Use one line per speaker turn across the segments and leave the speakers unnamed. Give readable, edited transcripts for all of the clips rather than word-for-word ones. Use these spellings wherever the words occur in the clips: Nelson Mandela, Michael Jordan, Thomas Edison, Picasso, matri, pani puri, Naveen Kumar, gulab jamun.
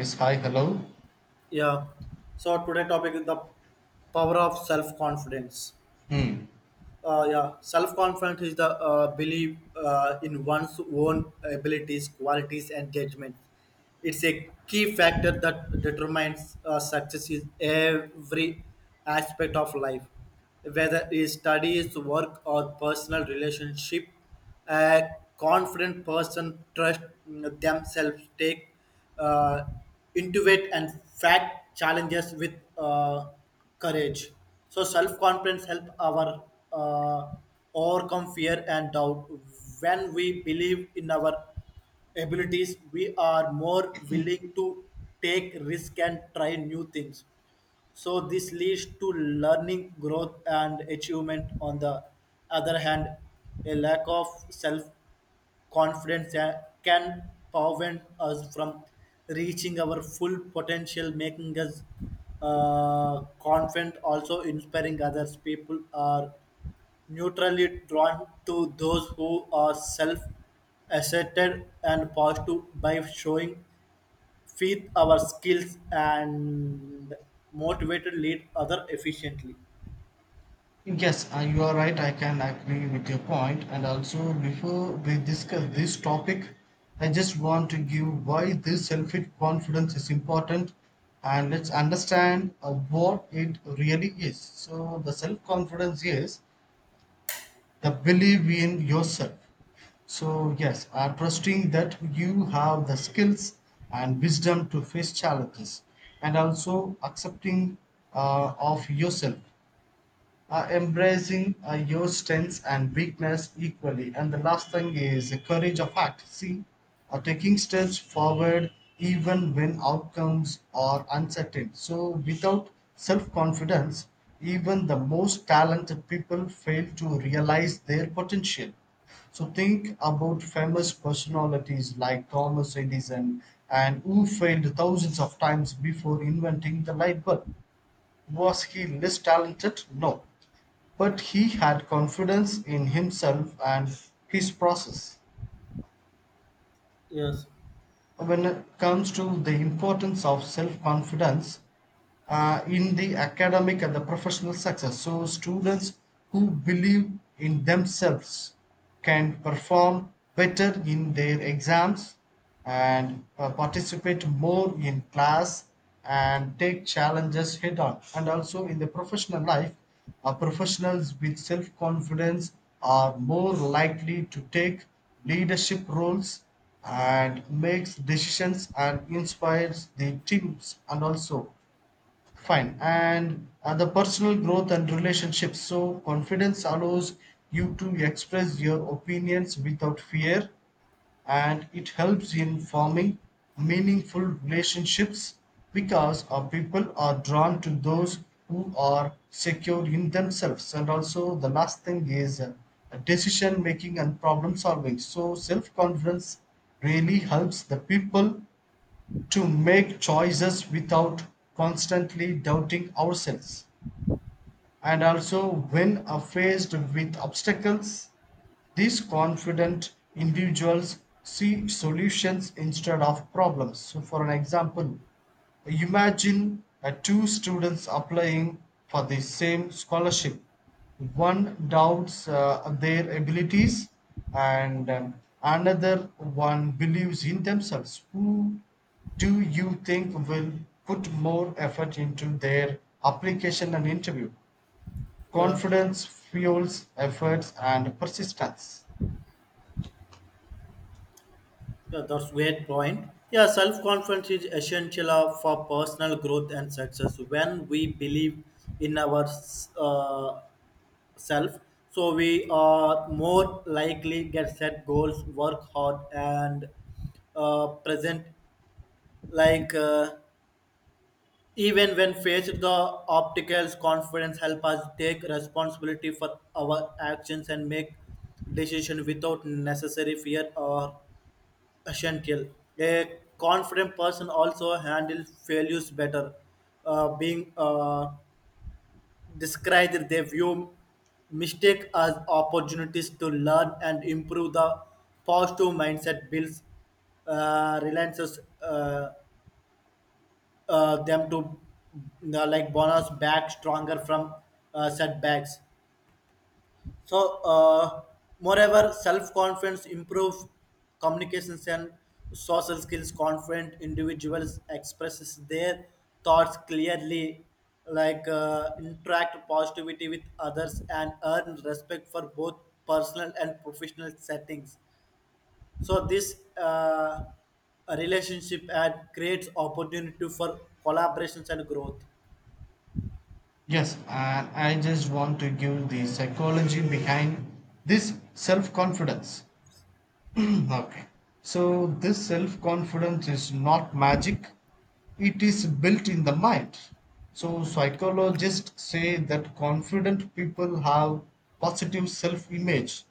Yes. Hi, hello.
Yeah. So today topic is the power of self confidence.
hmm
Yeah, self confidence is the belief in one's own abilities, qualities, and judgments. It's a key factor that determines success in every aspect of life, whether it's studies, work, or personal relationship. A confident person trusts themselves, take uh, intuit and fact challenges with courage. So self-confidence help our uh, overcome fear and doubt. When we believe in our abilities, we are more willing to take risk and try new things. So this leads to learning, growth, and achievement. On the other hand, a lack of self confidence that can prevent us from reaching our full potential, making us confident, also inspiring others. People are neutrally drawn to those who are self asserted and positive by showing faith our skills and motivated lead other efficiently.
yes, you are right. I can agree with your point. And also, before we discuss this topic, I just want to give why this self confidence is important, and let's understand what it really is. So the self confidence is the belief in yourself, so yes are trusting that you have the skills and wisdom to face challenges, and also accepting of yourself, embracing your strengths and weakness equally. And the last thing is the courage of act. See, taking steps forward even when outcomes are uncertain. So, without self confidence, even the most talented people fail to realize their potential. So, think about famous personalities like Thomas Edison and who failed thousands of times before inventing the light bulb. Was he less talented? No, but he had confidence in himself and his process.
Yes,
When it comes to the importance of self confidence in the academic and the professional success. So students who believe in themselves can perform better in their exams and participate more in class and take challenges head on, and also in the professional life professionals with self confidence are more likely to take leadership roles and makes decisions and inspires the teams and also fine. And the personal growth and relationships. So, confidence allows you to express your opinions without fear, and it helps in forming meaningful relationships, because our people are drawn to those who are secure in themselves. And also, the last thing is decision making and problem solving. So, self confidence really helps the people to make choices without constantly doubting ourselves. And also, when are faced with obstacles, these confident individuals see solutions instead of problems. So, for an example, imagine two students applying for the same scholarship. One doubts their abilities, and another one believes in themselves. Who do you think will put more effort into their application and interview?
yeah.
Confidence fuels efforts and persistence.
Yeah, that's great point. Yeah, self-confidence is essential for personal growth and success. When we believe in our uh, self, so we are more likely get set goals, work hard, and present. Like even when faced the obstacles, confidence help us take responsibility for our actions and make decision without necessary fear or essential. A confident person also handles failures better, being described they view mistake as opportunities to learn and improve. The positive mindset builds relances them to like bonus back stronger from setbacks. So, uh, moreover, self-confidence improve communications and social skills. Confident individuals expresses their thoughts clearly, like interact positivity with others and earn respect for both personal and professional settings. So, this relationship and creates opportunity for collaborations and growth.
Yes, and I just want to give the psychology behind this self confidence. Okay. So this self-confidence is not magic. It is built in the mind. So psychologists say that confident people have positive self-image.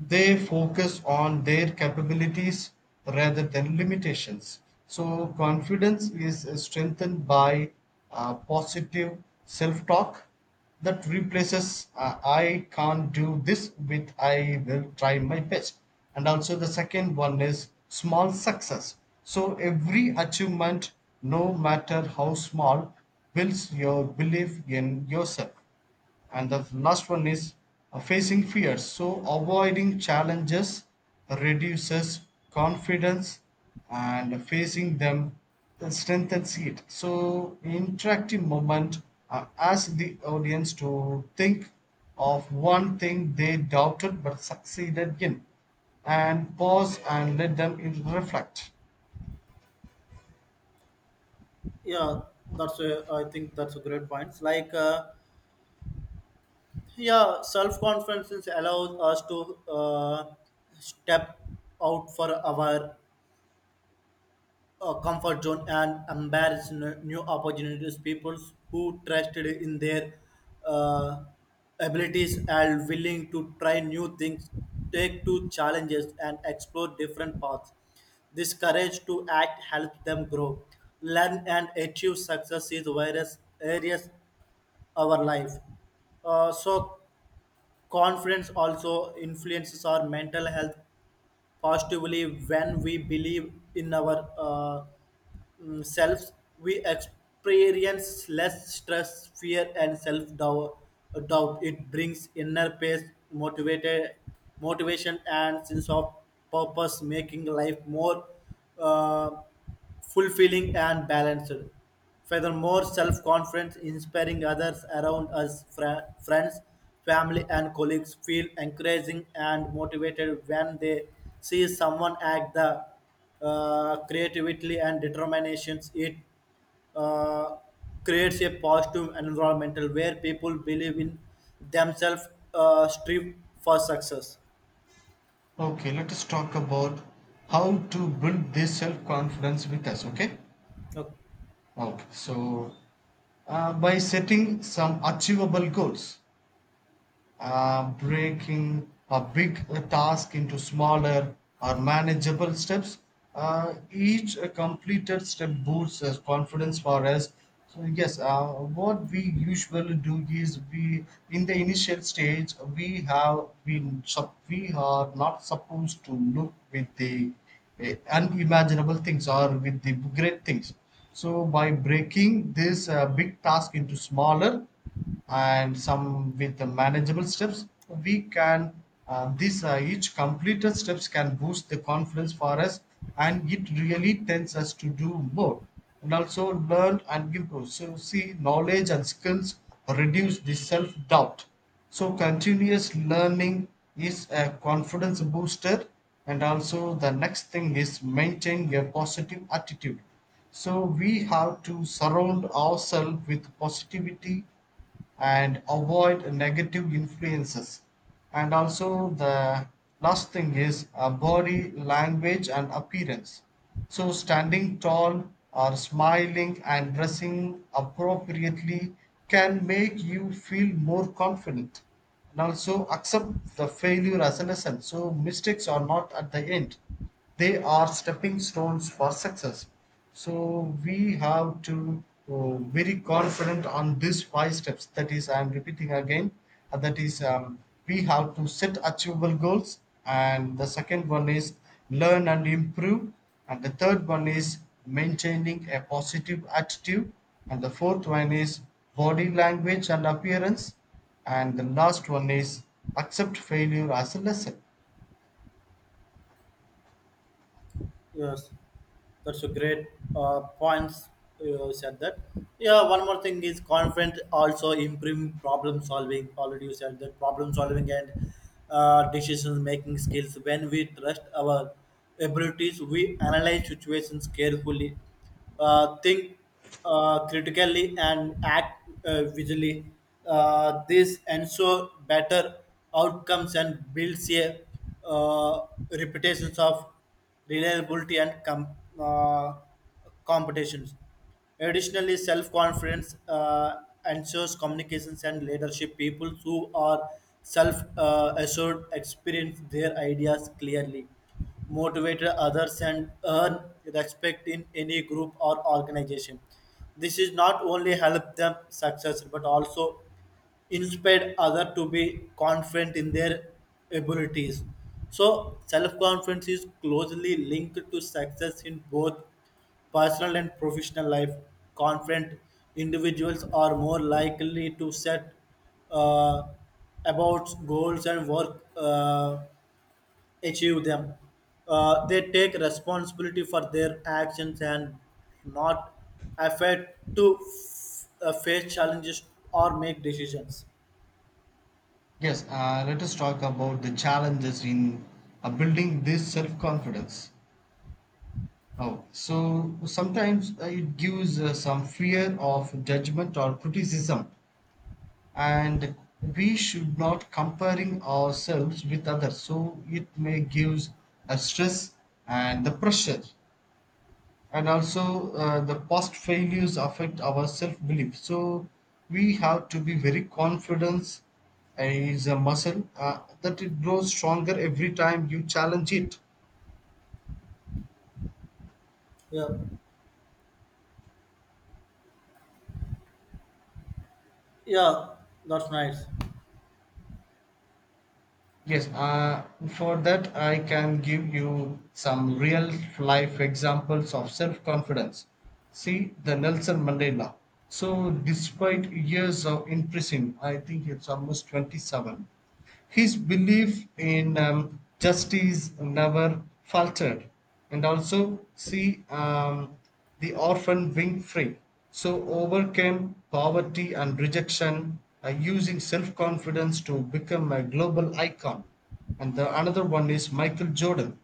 They focus on their capabilities rather than limitations. So confidence is strengthened by positive self-talk that replaces I can't do this with I will try my best. And also, the second one is small success. So, every achievement, no matter how small, builds your belief in yourself. And the last one is facing fears. So avoiding challenges reduces confidence, and facing them strengthens it. So interactive moment, ask the audience to think of one thing they doubted but succeeded in, and pause and let them reflect.
Yeah, that's a, I think that's a great point. Like. Yeah, self confidence allows us to step out for our comfort zone and embrace new opportunities. People who trusted in their uh, abilities and willing to try new things take to challenges and explore different paths. This courage to act helps them grow, learn, and achieve success in various areas of our life. uh, so Confidence also influences our mental health positively. When we believe in our selves, we experience less stress, fear, and self doubt. It brings inner peace, motivated, motivation, and sense of purpose, making life more uh, fulfilling and balanced. Furthermore, self confidence, inspiring others around us, friends, family, and colleagues, feel encouraging and motivated when they see someone act the creativity and determinations. It uh, creates a positive environmental where people believe in themselves, strive for success.
Okay, let us talk about how to build this self confidence with us. Okay.
Okay.
Okay, so by setting some achievable goals, breaking a big task into smaller or manageable steps. Each completed step boosts us confidence for us. So yes, what we usually do is we in the initial stage we have been we are not supposed to look with the unimaginable things or with the great things. So by breaking this big task into smaller and some with the manageable steps, we can these each completed steps can boost the confidence for us, and it really tends us to do more and also learn and improve. So see, knowledge and skills reduce the self-doubt. So continuous learning is a confidence booster. And also the next thing is maintain a positive attitude. So we have to surround ourselves with positivity and avoid negative influences. And also the last thing is body language and appearance. So standing tall or smiling and dressing appropriately can make you feel more confident. And also accept the failure as a lesson. So mistakes are not at the end, they are stepping stones for success. So we have to very confident on these five steps. That is, I'm repeating again, that is, we have to set achievable goals, and the second one is learn and improve, and the third one is maintaining a positive attitude, and the fourth one is body language and appearance, and the last one is accept failure as a lesson.
Yes. That's a great points you said that. Yeah, one more thing is confident also improve problem solving. Already you said that problem solving and decision making skills. When we trust our abilities, we analyze situations carefully, think critically, and act visually. This ensure better outcomes and builds a reputations of reliability, and uh, competitions. Additionally, self confidence ensures communications and leadership. People who are self assured experience their ideas clearly, motivate others, and earn respect in any group or organization. This is not only help them success but also inspired others to be confident in their abilities. So, self confidence is closely linked to success in both personal and professional life. Confident individuals are more likely to set uh, about goals and work achieve them. They take responsibility for their actions and not afraid to face challenges or make decisions.
Yes, let us talk about the challenges in building this self confidence. Oh, so sometimes it gives some fear of judgment or criticism, and we should not comparing ourselves with others. So it may gives a stress and the pressure. And also the past failures affect our self belief. So we have to be very confident, and it's a muscle that it grows stronger every time you challenge it.
Yeah, yeah, that's nice.
Yes, for that I can give you some real life examples of self confidence. See, the Nelson Mandela. So despite years of in prison, I think it's almost 27. His belief in justice never faltered. And also see the orphan being free. So overcame poverty and rejection using self-confidence to become a global icon. And the another one is Michael Jordan.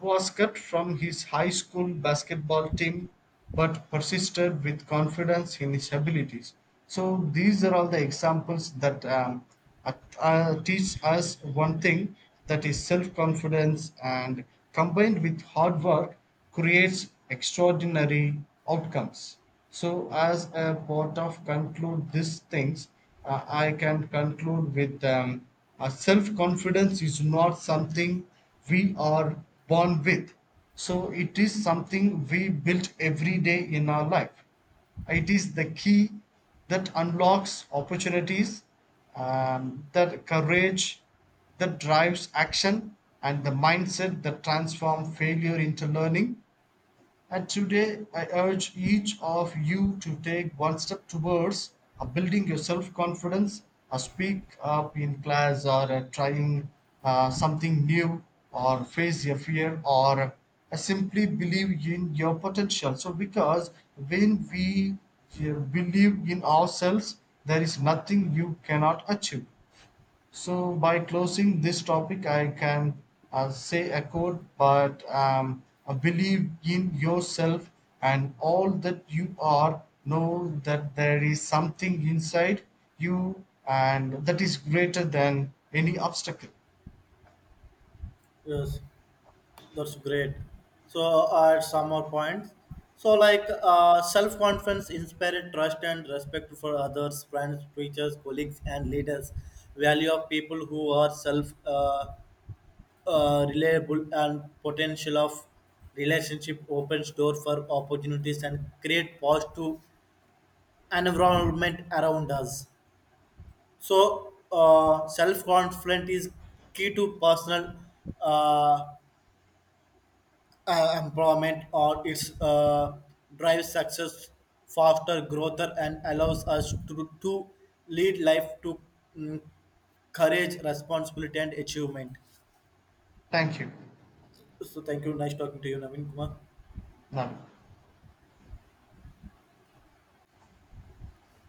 Was cut from his high school basketball team but persisted with confidence in his abilities. So these are all the examples that teach us one thing, that is self-confidence and combined with hard work creates extraordinary outcomes. So as a part of conclude these things, I can conclude with self confidence is not something we are born with. So it is something we build every day in our life. It is the key that unlocks opportunities, that courage that drives action, and the mindset that transforms failure into learning. And today, I urge each of you to take one step towards building your self confidence, speak up in class, or trying something new, or face your fear, or simply believe in your potential. So, because when we believe in ourselves, there is nothing you cannot achieve. So, by closing this topic, I can say a quote, but believe in yourself and all that you are. Know that there is something inside you and that is greater than any obstacle.
Yes, that's great. So at some more points. So like self-confidence, inspired trust and respect for others, friends, teachers, colleagues, and leaders. Value of people who are self reliable and potential of relationship opens door for opportunities and create positive environment around us. So, self confidence is key to personal uh, empowerment, or it's drives success, faster growth, and allows us to lead life to mm, courage, responsibility, and achievement.
Thank you.
So, thank you. Nice talking to you, Naveen Kumar.
Now,